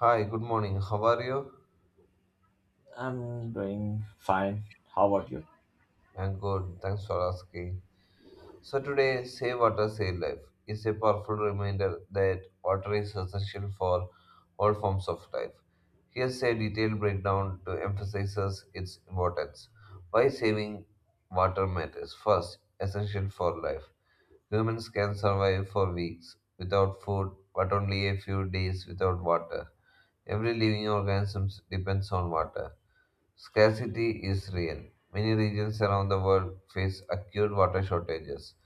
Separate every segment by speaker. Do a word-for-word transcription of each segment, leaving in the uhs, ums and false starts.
Speaker 1: Hi, good morning. How are you?
Speaker 2: I'm doing fine. How about you?
Speaker 1: I'm good. Thanks for asking. So today, Save Water, Save Life is a powerful reminder that water is essential for all forms of life. Here's a detailed breakdown to emphasize its importance. Why saving water matters. First, essential for life. Humans can survive for weeks without food, but only a few days without water. Every living organism depends on water. Scarcity is real. Many regions around the world face acute water shortages.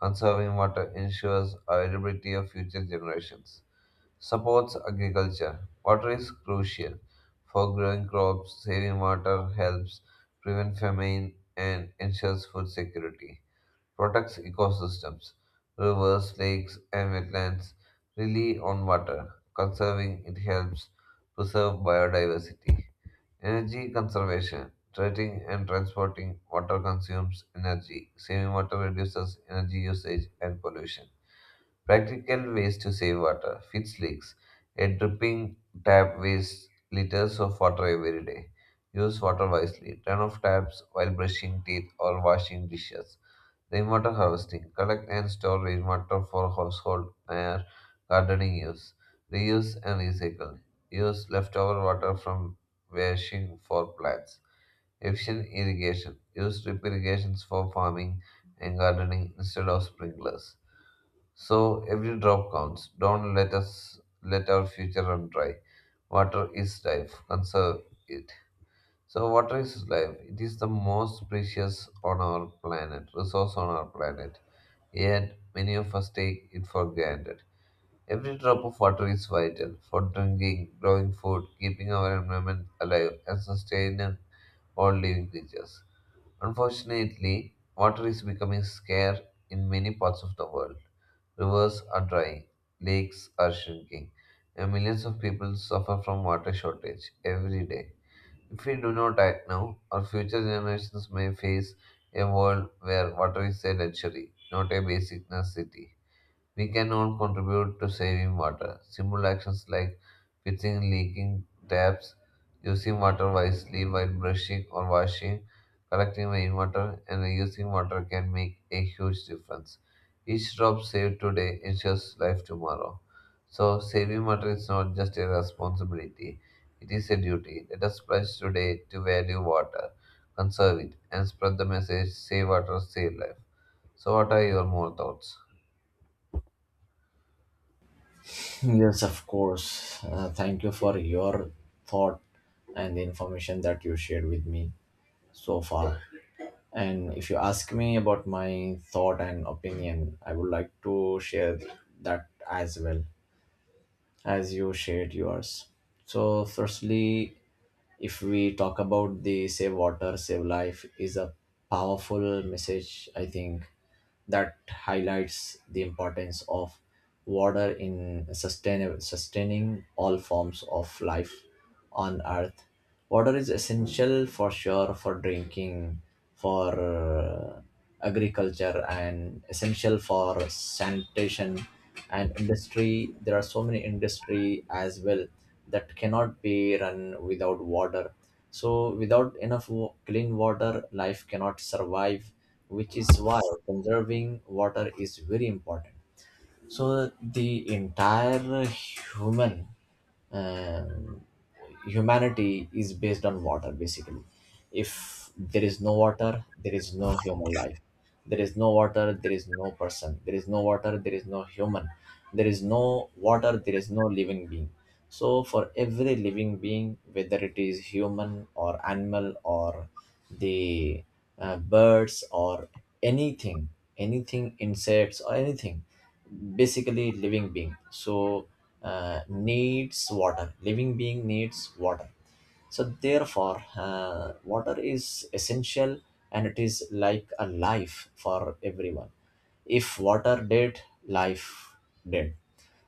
Speaker 1: Conserving water ensures availability of future generations. Supports agriculture. Water is crucial for growing crops. Saving water helps prevent famine and ensures food security protects ecosystems. Rivers, lakes, and wetlands rely on water. Conserving it helps preserve biodiversity. Energy conservation. Treating and transporting water consumes energy. Saving water reduces energy usage and pollution. Practical ways to save water. Fix leaks. A dripping tap wastes liters of water every day. Use water wisely. Turn off taps while brushing teeth or washing dishes. Rainwater harvesting. Collect and store rainwater for household or gardening use. Reuse and recycle. Use leftover water from washing for plants. Efficient irrigation. Use drip irrigations for farming and gardening instead of sprinklers. So every drop counts. Don't let us let our future run dry. Water is life. Conserve it. So, water is life. It is the most precious on our planet, resource on our planet. Yet, many of us take it for granted. Every drop of water is vital for drinking, growing food, keeping our environment alive, and sustaining all living creatures. Unfortunately, water is becoming scarce in many parts of the world. Rivers are drying, lakes are shrinking, and millions of people suffer from water shortage every day. If we do not act now, our future generations may face a world where water is a luxury, not a basic necessity. We can all contribute to saving water. Simple actions like fixing leaking taps, using water wisely while brushing or washing, collecting rainwater, and reusing water can make a huge difference. Each drop saved today ensures life tomorrow. So, saving water is not just a responsibility, it is a duty. Let us pledge today to value water, conserve it, and spread the message save water, save life. So, what are your more thoughts?
Speaker 2: Yes, of course. Uh, thank you for your thought and the information that you shared with me so far. And if you ask me about my thought and opinion, I would like to share that as well as you shared yours. So, firstly, if we talk about the Save Water, Save Life is a powerful message, I think that highlights the importance of water in sustain- sustaining all forms of life on earth. Water is essential for sure for drinking, for uh, agriculture, and essential for sanitation and industry. There are so many industry as well that cannot be run without water. So without enough wa- clean water, life cannot survive, which is why conserving water is very important. So the entire human um, humanity is based on water basically. If there is no water there is no human life, there is no water there is no person, there is no water there is no human, there is no water there is no living being. So for every living being, whether it is human or animal or the uh, birds or anything, anything, insects or anything, basically living being, so uh, needs water, living being needs water. So therefore uh, water is essential and it is like a life for everyone. If water dead, life dead.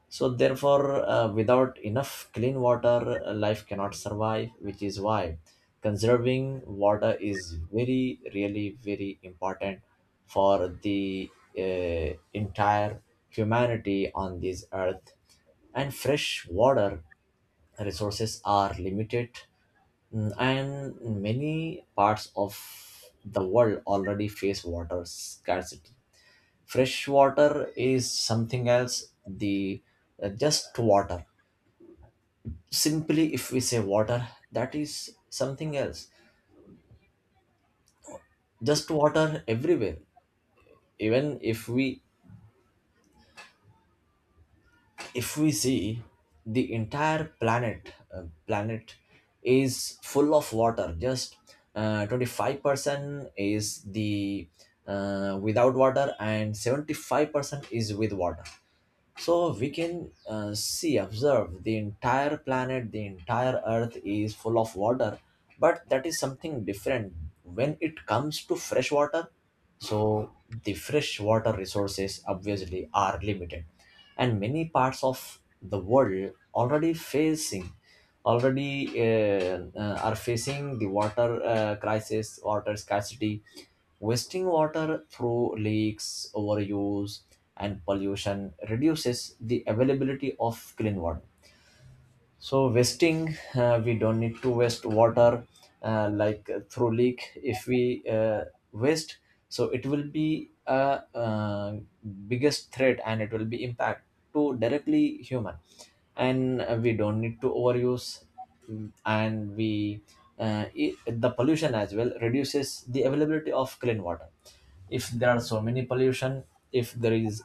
Speaker 2: So, therefore, uh, without enough clean water, uh, life cannot survive, which is why conserving water is very, really, very important for the uh, entire humanity on this earth. And fresh water resources are limited, mm, and many parts of the world already face water scarcity. Fresh water is something else, the uh, just water. Simply if we say water, that is something else. Just water everywhere. Even if we, if we see the entire planet, uh, planet is full of water. Just uh, twenty-five percent is the uh, without water, and seventy-five percent is with water. So we can uh, see, observe the entire planet, the entire earth is full of water, but that is something different when it comes to fresh water. So the fresh water resources obviously are limited, and many parts of the world already facing, already uh, uh, are facing the water uh, crisis, water scarcity, wasting water through leaks, overuse, and pollution reduces the availability of clean water. So wasting, uh, we don't need to waste water uh, like uh, through leak. If we uh, waste, so it will be a uh, biggest threat and it will be impact to directly human. And uh, we don't need to overuse, mm, and we uh, I the pollution as well reduces the availability of clean water. If there are so many pollution, if there is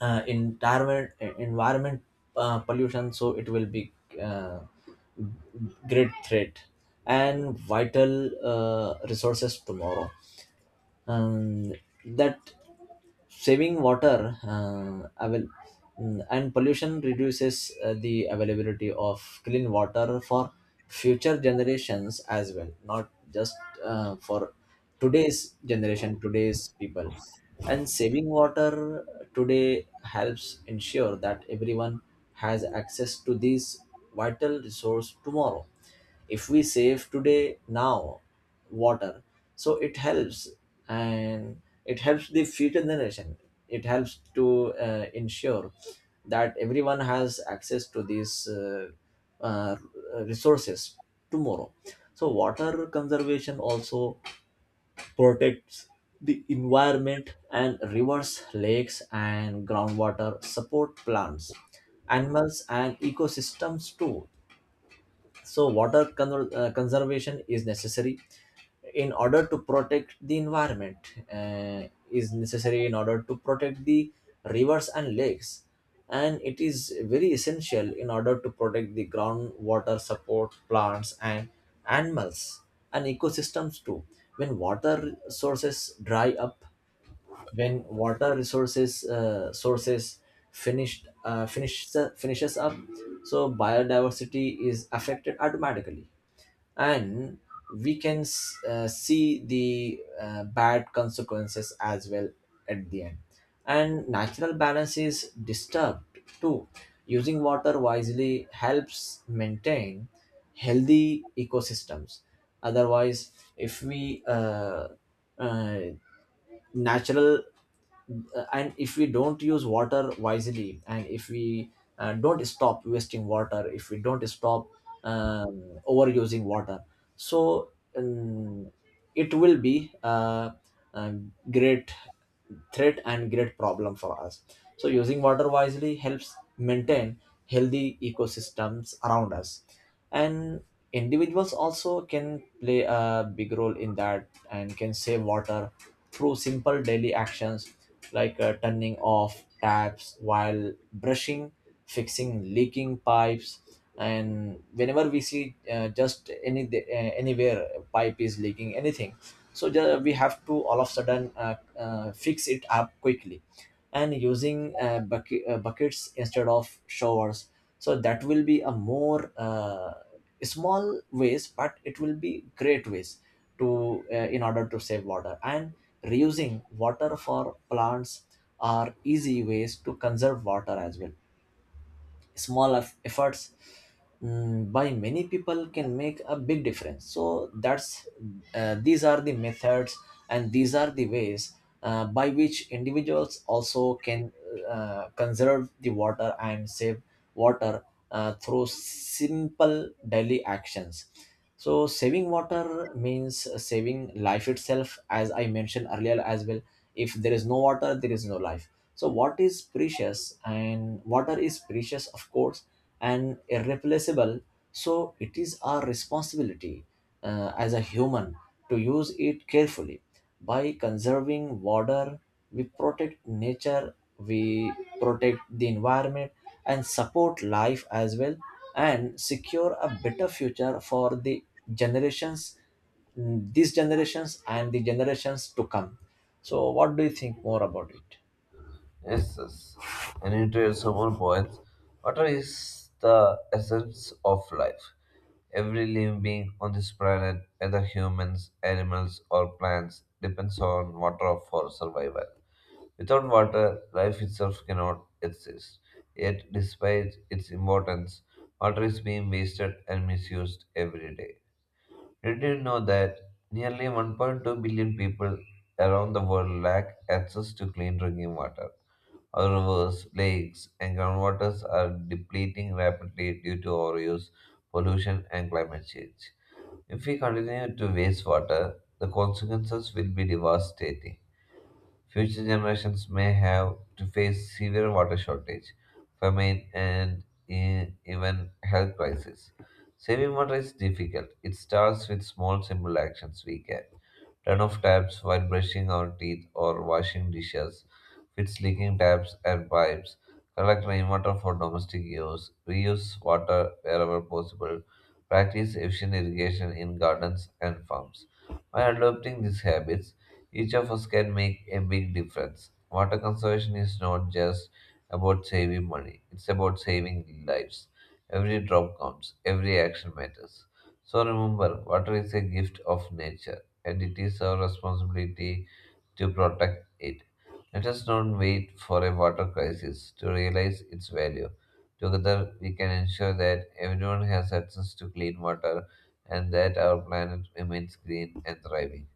Speaker 2: uh, environment uh, environment uh, pollution, so it will be uh, great threat and vital uh, resources tomorrow. um, that saving water uh, avail- mm, and pollution reduces uh, the availability of clean water for future generations as well, not just uh, for today's generation, today's people. And saving water today helps ensure that everyone has access to this vital resource tomorrow. If we save today now water, so it helps, and it helps the future generation. It helps to uh, ensure that everyone has access to these uh, uh, resources tomorrow. So water conservation also protects the environment, and rivers, lakes, and groundwater support plants, animals, and ecosystems too. So water con- uh, conservation is necessary in order to protect the environment. Uh, is necessary in order to protect the rivers and lakes, and it is very essential in order to protect the groundwater, support plants and animals and ecosystems too. When water sources dry up, when water resources uh, sources finished, uh, finishes finishes up, so biodiversity is affected automatically, and we can s- uh, see the uh, bad consequences as well at the end, and natural balance is disturbed too. Using water wisely helps maintain healthy ecosystems. Otherwise if we uh, uh, natural uh, and if we don't use water wisely, and if we uh, don't stop wasting water, if we don't stop um, overusing water, so um, it will be a, a great threat and great problem for us. So using water wisely helps maintain healthy ecosystems around us. And individuals also can play a big role in that and can save water through simple daily actions, like uh, turning off taps while brushing, fixing leaking pipes, and whenever we see uh, just any uh, anywhere pipe is leaking anything, so ju- we have to all of a sudden uh, uh, fix it up quickly, and using uh, bucket, uh, buckets instead of showers. So that will be a more uh, small ways, but it will be great ways to uh, in order to save water, and reusing water for plants are easy ways to conserve water as well. Small eff- efforts mm, by many people can make a big difference. So that's uh, these are the methods and these are the ways uh, by which individuals also can uh, conserve the water and save water uh, through simple daily actions. So saving water means saving life itself, as I mentioned earlier as well. If there is no water there is no life. So what is precious, and water is precious, of course, and irreplaceable. So it is our responsibility uh, as a human to use it carefully. By conserving water, we protect nature, we protect the environment, and support life as well, and secure a better future for the generations, these generations, and the generations to come. So, what do you think more about it?
Speaker 1: Yes, yes. And into your several points, water is the essence of life. Every living being on this planet, whether humans, animals, or plants, depends on water for survival. Without water, life itself cannot exist. Yet, despite its importance, water is being wasted and misused every day. Did you know that nearly one point two billion people around the world lack access to clean drinking water? Our rivers, lakes, and groundwaters are depleting rapidly due to overuse, pollution, and climate change. If we continue to waste water, the consequences will be devastating. Future generations may have to face severe water shortage, famine, and e- even health crises. Saving water is difficult. It starts with small, simple actions we can turn off taps while brushing our teeth or washing dishes, fix leaking taps and pipes, collect rainwater for domestic use, reuse water wherever possible, practice efficient irrigation in gardens and farms. By adopting these habits, each of us can make a big difference. Water conservation is not just about saving money, it's about saving lives. Every drop counts, every action matters. So remember, water is a gift of nature, and it is our responsibility to protect it. Let us not wait for a water crisis to realize its value. Together, we can ensure that everyone has access to clean water and that our planet remains green and thriving.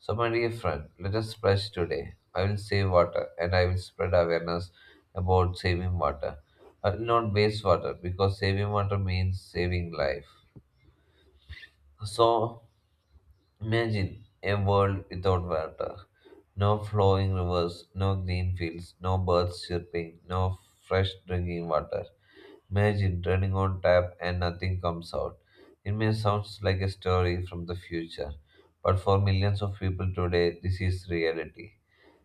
Speaker 1: So, my dear friend, let us splash today. I will save water and I will spread awareness about saving water, but not waste water because saving water means saving life. So, imagine a world without water no flowing rivers, no green fields, no birds chirping, no fresh drinking water. Imagine turning on tap and nothing comes out. It may sound like a story from the future, but for millions of people today, this is reality.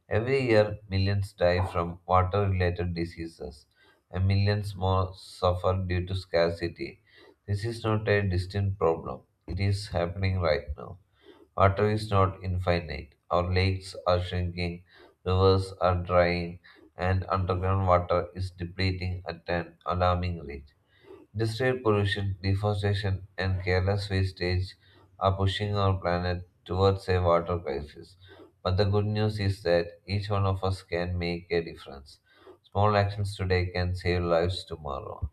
Speaker 1: Every year, millions die from water related diseases, and millions more suffer due to scarcity. This is not a distant problem, it is happening right now. Water is not infinite. Our lakes are shrinking, rivers are drying, and underground water is depleting at an alarming rate. Industrial pollution, deforestation, and careless wastage are pushing our planet towards a water crisis. But the good news is that each one of us can make a difference. Small actions today can save lives tomorrow.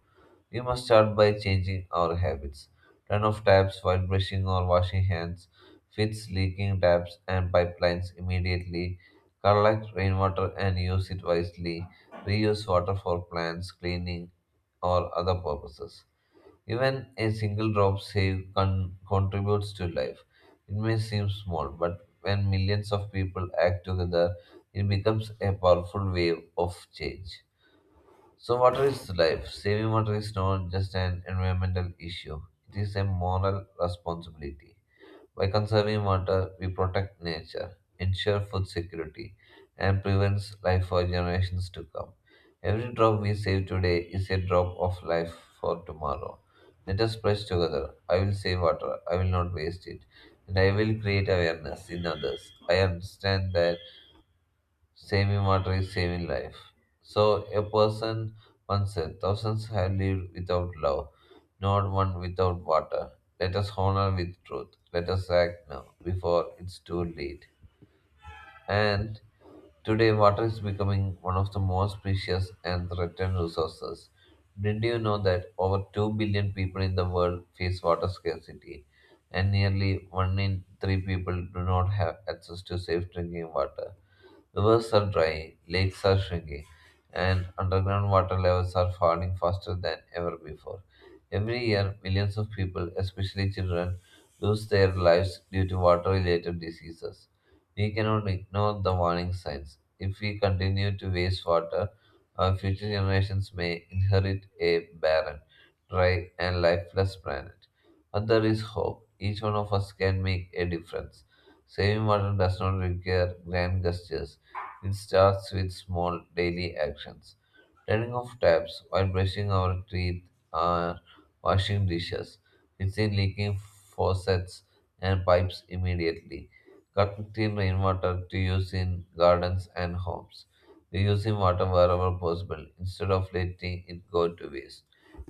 Speaker 1: We must start by changing our habits. Turn off taps while brushing or washing hands. Fix leaking taps and pipelines immediately. Collect rainwater and use it wisely. Reuse water for plants, cleaning, or other purposes. Even a single drop saved con- contributes to life. It may seem small, but when millions of people act together, it becomes a powerful wave of change. So, water is life. Saving water is not just an environmental issue, it is a moral responsibility. By conserving water, we protect nature, ensure food security, and prevents life for generations to come. Every drop we save today is a drop of life for tomorrow. Let us pledge together. I will save water. I will not waste it. And I will create awareness in others. I understand that saving water is saving life. So a person once said, thousands have lived without love, not one without water. Let us honor with truth. Let us act now before it's too late. And today, water is becoming one of the most precious and threatened resources. Did you know that over two billion people in the world face water scarcity, and nearly one in three people do not have access to safe drinking water? Rivers are drying, lakes are shrinking, and underground water levels are falling faster than ever before. Every year, millions of people, especially children, lose their lives due to water related diseases. We cannot ignore the warning signs. If we continue to waste water, our future generations may inherit a barren, dry, and lifeless planet. But there is hope. Each one of us can make a difference. Saving water does not require grand gestures. It starts with small daily actions. Turning off taps while brushing our teeth or washing dishes. Instead leaking faucets and pipes immediately. Collecting rainwater to use in gardens and homes. Reusing water wherever possible instead of letting it go to waste.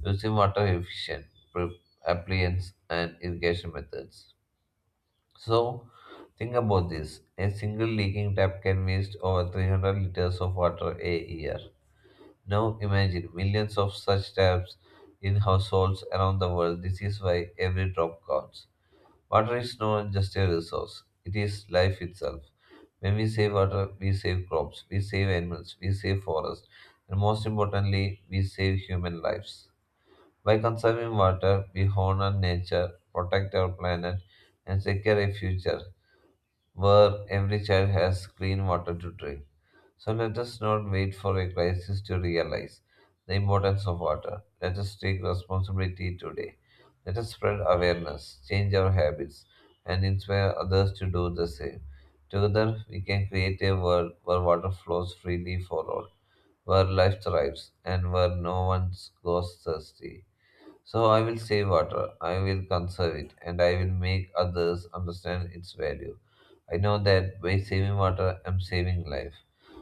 Speaker 1: Using water efficient pre- appliance and irrigation methods. So, think about this. A single leaking tap can waste over three hundred liters of water a year. Now, imagine millions of such taps in households around the world. This is why every drop counts. Water is not just a resource, it is life itself. When we save water, we save crops, we save animals, we save forests, and most importantly, we save human lives. By conserving water, we honor nature, protect our planet, and secure a future where every child has clean water to drink. So let us not wait for a crisis to realize the importance of water. Let us take responsibility today. Let us spread awareness, change our habits, and inspire others to do the same. Together, we can create a world where water flows freely for all, where life thrives, and where no one goes thirsty. So I will save water, I will conserve it, and I will make others understand its value. I know that by saving water, I'm saving life.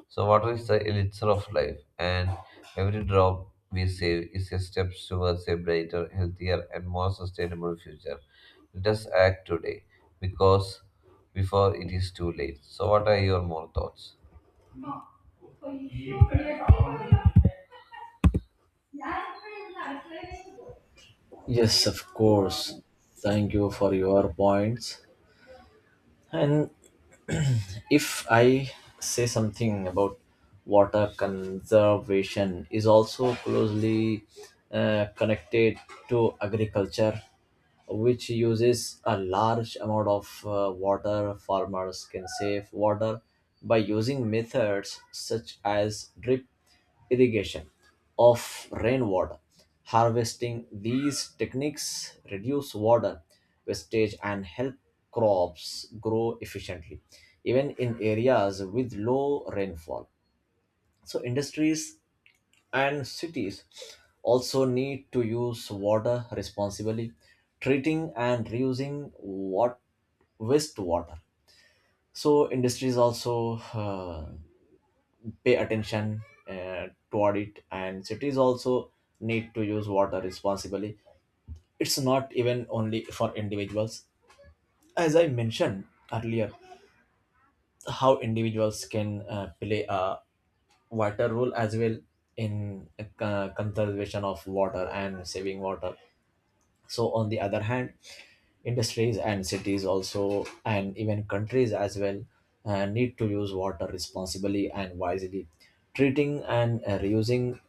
Speaker 1: So water is the elixir of life, and every drop we save is a step towards a brighter, healthier, and more sustainable future. Let us act today, because before it is too late. So what are your more thoughts?
Speaker 2: Yes, of course. Thank you for your points. And if I say something about water conservation, is also closely uh, connected to agriculture, which uses a large amount of uh, water. Farmers can save water by using methods such as drip irrigation of rainwater. Harvesting these techniques reduce water wastage and help crops grow efficiently, even in areas with low rainfall. So, industries and cities also need to use water responsibly, treating and reusing what wastewater. So industries also uh, pay attention uh, toward it, and cities also need to use water responsibly. It's not even only for individuals, as I mentioned earlier, how individuals can uh, play a vital role as well in uh, conservation of water and saving water. So on the other hand, industries and cities also, and even countries as well, uh, need to use water responsibly and wisely. Treating and uh, reusing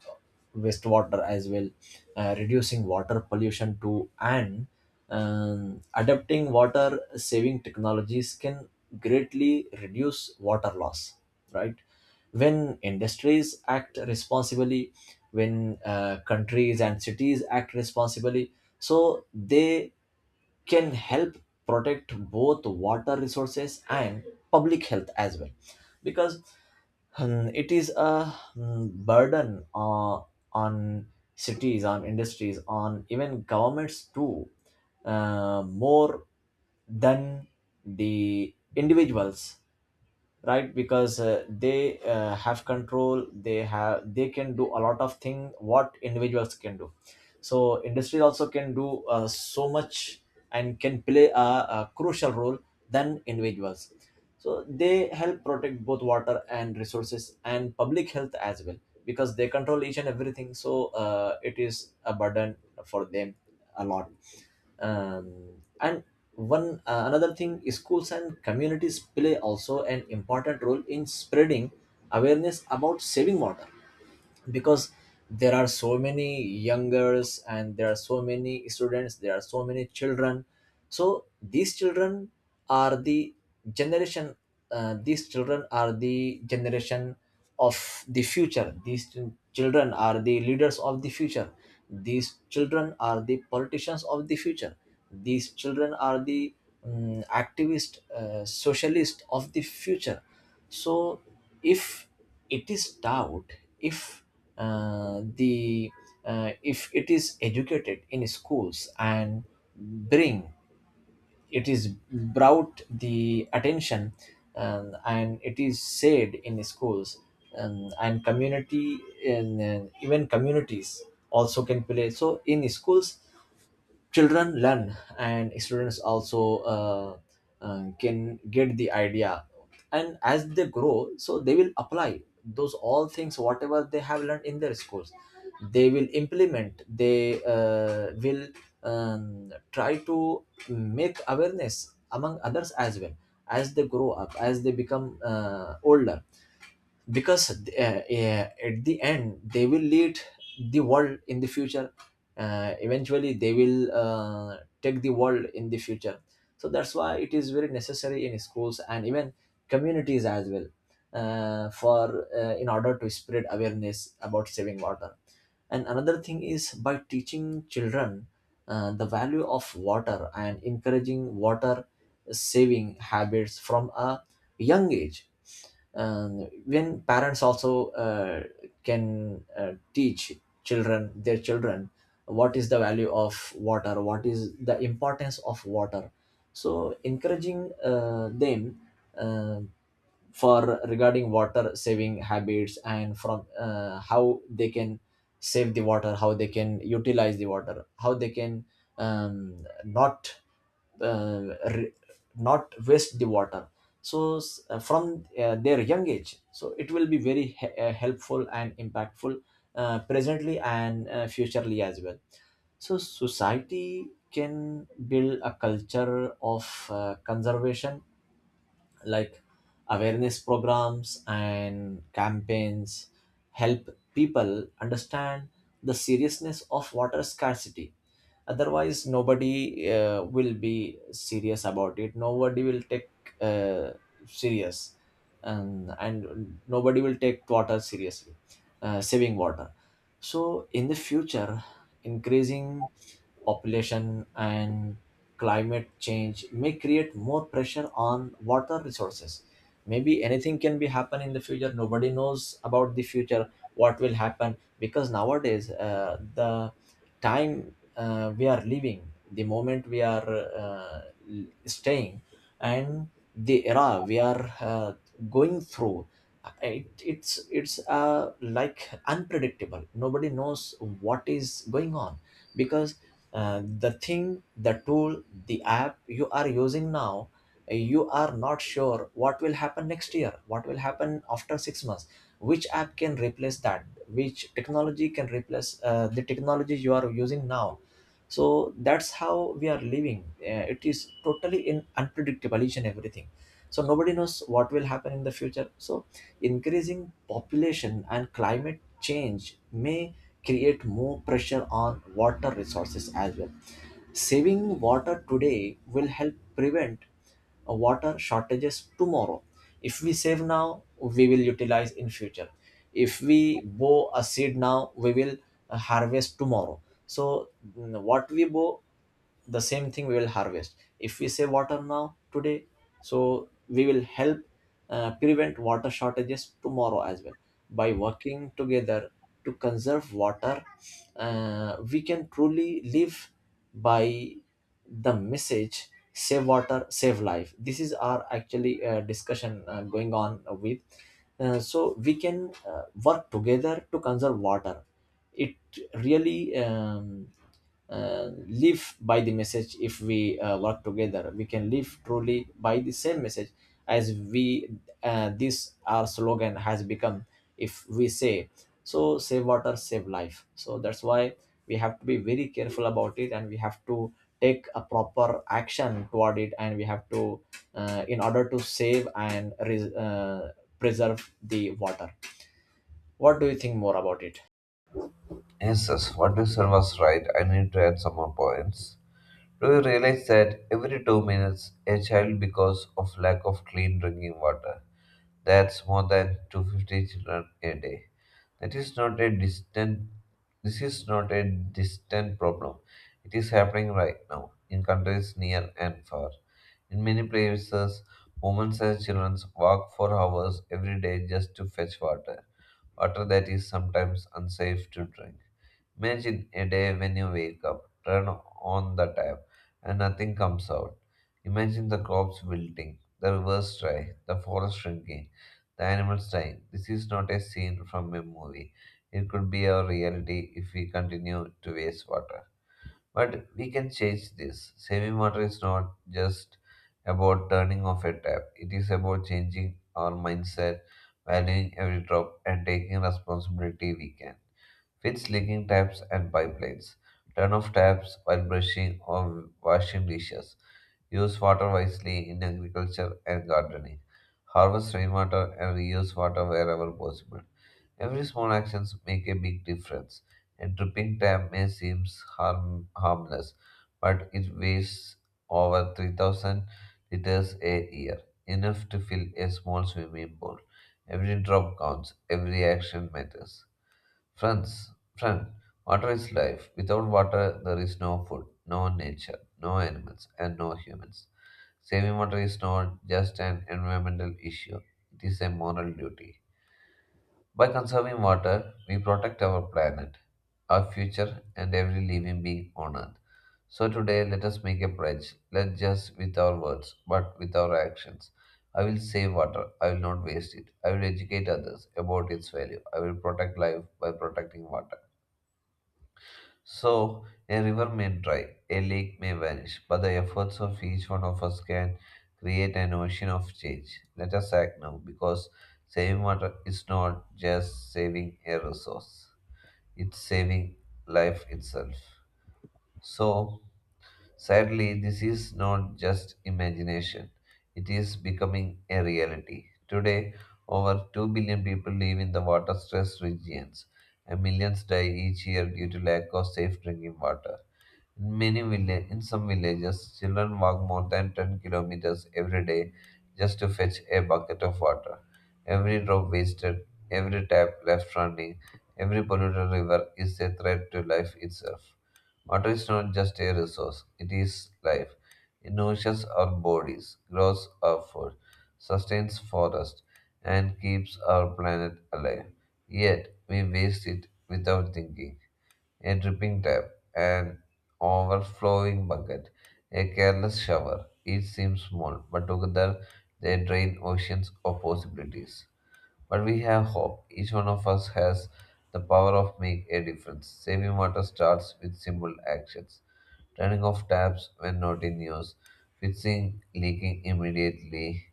Speaker 2: wastewater as well, uh, reducing water pollution too, and um, adapting water saving technologies can greatly reduce water loss, right? When industries act responsibly, when uh, countries and cities act responsibly, so they can help protect both water resources and public health as well, because um, it is a um, burden uh, on cities, on industries, on even governments too, uh, more than the individuals, right? Because uh, they uh, have control, they have, they can do a lot of things what individuals can do. So industry also can do uh, so much, and can play a, a crucial role than individuals. So they help protect both water and resources and public health as well, because they control each and everything. So uh, it is a burden for them a lot. um, and one uh, another thing, schools and communities play also an important role in spreading awareness about saving water, because there are so many young girls and there are so many students, there are so many children. So these children are the generation, uh, these children are the generation of the future. These ch- children are the leaders of the future, these children are the politicians of the future, these children are the um, activist uh, socialist of the future. So if it is taught, if uh, the uh, if it is educated in schools and bring, it is brought the attention, um, and it is said in schools, um, and community, and uh, even communities also can play. So in schools children learn, and students also uh, uh, can get the idea, and as they grow, so they will apply those all things whatever they have learned in their schools. They will implement, they uh, will um, try to make awareness among others as well, as they grow up, as they become uh, older. Because uh, uh, at the end they will lead the world in the future. Uh, eventually they will uh, take the world in the future. So that's why it is very necessary in schools and even communities as well, uh, for uh, in order to spread awareness about saving water. And another thing is by teaching children uh, the value of water and encouraging water saving habits from a young age. And when parents also uh, can uh, teach children, their children, what is the value of water, what is the importance of water. So encouraging uh, them uh, for regarding water saving habits, and from uh, how they can save the water, how they can utilize the water, how they can um, not uh, re- not waste the water. So s- uh, from uh, their young age, so it will be very he- uh, helpful and impactful uh, presently and uh, futurely as well. So society can build a culture of uh, conservation, like awareness programs and campaigns help people understand the seriousness of water scarcity. Otherwise nobody uh, will be serious about it, nobody will take uh, serious, and, and nobody will take water seriously, uh, saving water. So in the future, increasing population and climate change may create more pressure on water resources. Maybe anything can be happen in the future. Nobody knows about the future what will happen, because nowadays uh, the time uh, we are living, the moment we are uh, staying, and the era we are uh, going through, uh, it, it's it's uh, like unpredictable. Nobody knows what is going on, because uh, the thing, the tool, the app you are using now, you are not sure what will happen next year, what will happen after six months, which app can replace that, which technology can replace uh, the technology you are using now. So that's how we are living. Uh, it is totally in unpredictable each and everything. So nobody knows what will happen in the future. So increasing population and climate change may create more pressure on water resources as well. Saving water today will help prevent uh, water shortages tomorrow. If we save now, we will utilize in future. If we bow a seed now, we will uh, harvest tomorrow. So mm, what we bow, the same thing we will harvest. If we save water now today, so we will help uh, prevent water shortages tomorrow as well, by working together to conserve water. Uh, we can truly live by the message, save water, save life. This is our actually uh, discussion uh, going on with. Uh, so we can uh, work together to conserve water. It really um, uh, live by the message. If we uh, work together, we can live truly by the same message, as we uh, this our slogan has become, if we say, so save water, save life. So that's why we have to be very careful about it, and we have to take a proper action toward it, and we have to uh, in order to save and res- uh, preserve the water. What do you think more about it?
Speaker 1: Jesus, what you said was right. I need to add some more points. Do you realize that every two minutes a child because of lack of clean drinking water? That's more than two hundred fifty children a day. That is not a distant This is not a distant problem. It is happening right now in countries near and far. In many places, women and children walk for hours every day just to fetch water, water that is sometimes unsafe to drink. Imagine a day when you wake up, turn on the tap, and nothing comes out. Imagine the crops wilting, the rivers dry, the forest shrinking, the animals dying. This is not a scene from a movie. It could be our reality if we continue to waste water. But we can change this. Saving water is not just about turning off a tap, it is about changing our mindset, valuing every drop, and taking responsibility we can. Fix leaking taps and pipelines. Turn off taps while brushing or washing dishes. Use water wisely in agriculture and gardening. Harvest rainwater and reuse water wherever possible. Every small action make a big difference. A dripping tap may seem harm, harmless, but it wastes over three thousand liters a year, enough to fill a small swimming pool. Every drop counts, every action matters. Friends, friend, water is life. Without water, there is no food, no nature, no animals, and no humans. Saving water is not just an environmental issue, it is a moral duty. By conserving water, we protect our planet, our future, and every living being on earth. So today, let us make a pledge, not just with our words, but with our actions. I will save water. I will not waste it. I will educate others about its value. I will protect life by protecting water. So, a river may dry, a lake may vanish, but the efforts of each one of us can create an ocean of change. Let us act now, because saving water is not just saving a resource, it's saving life itself. So, sadly, this is not just imagination, it is becoming a reality. Today, over two billion people live in the water stressed regions, and millions die each year due to lack of safe drinking water. In many villa- in some villages, children walk more than ten kilometers every day just to fetch a bucket of water. Every drop wasted, every tap left running, every polluted river is a threat to life itself. Water is not just a resource, it is life. It nourishes our bodies, grows our food, sustains forests, and keeps our planet alive. Yet, we waste it without thinking a dripping tap, an overflowing bucket, a careless shower. Each seems small, but together they drain oceans of possibilities. But we have hope. Each one of us has the power of make a difference. Saving water starts with simple actions. Turning off taps when not in use, fixing leaking immediately,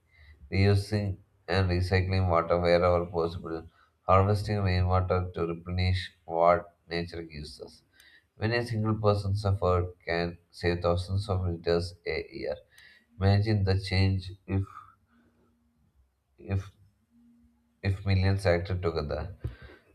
Speaker 1: reusing and recycling water wherever possible, harvesting rainwater to replenish what nature gives us. When a single person's effort can save thousands of liters a year, imagine the change if if if millions acted together.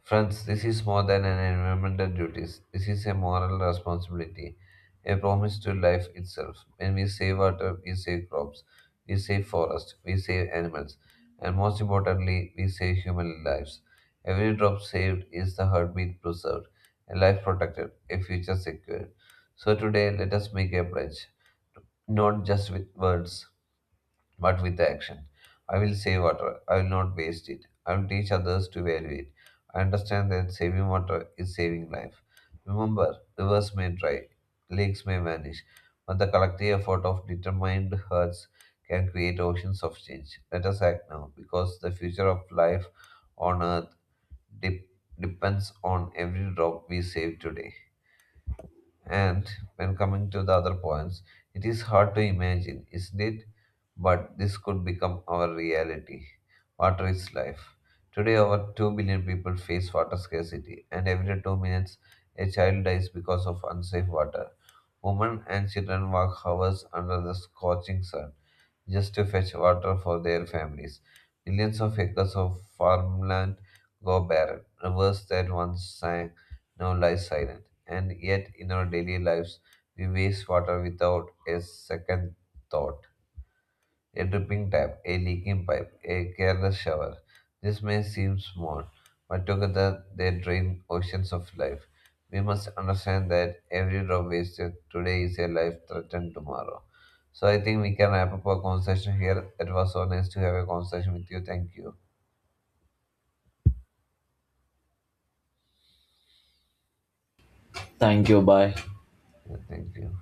Speaker 1: Friends, this is more than an environmental duty. This is a moral responsibility, a promise to life itself. When we save water, we save crops, we save forests, we save animals, and most importantly, we save human lives. Every drop saved is the heartbeat preserved, a life protected, a future secured. So today, let us make a pledge, not just with words, but with the action. I will save water. I will not waste it. I will teach others to value it. I understand that saving water is saving life. Remember, rivers may dry, lakes may vanish, but the collective effort of determined hearts can create oceans of change. Let us act now, because the future of life on earth dep depends on every drop we save today. And when coming to the other points, it is hard to imagine, isn't it? But this could become our reality. Water is life. Today, over two billion people face water scarcity, and every two minutes, a child dies because of unsafe water. Women and children walk hours under the scorching sun just to fetch water for their families. Millions of acres of farmland go barren. Rivers that once sang now lie silent. And yet, in our daily lives, we waste water without a second thought a dripping tap, a leaking pipe, a careless shower. This may seem small, but together they drain oceans of life. We must understand that every drop wasted today is a life threatened tomorrow. So I think we can wrap up our conversation here. It was so nice to have a conversation with you. Thank you.
Speaker 2: Thank you, bye.
Speaker 1: Yeah, thank you.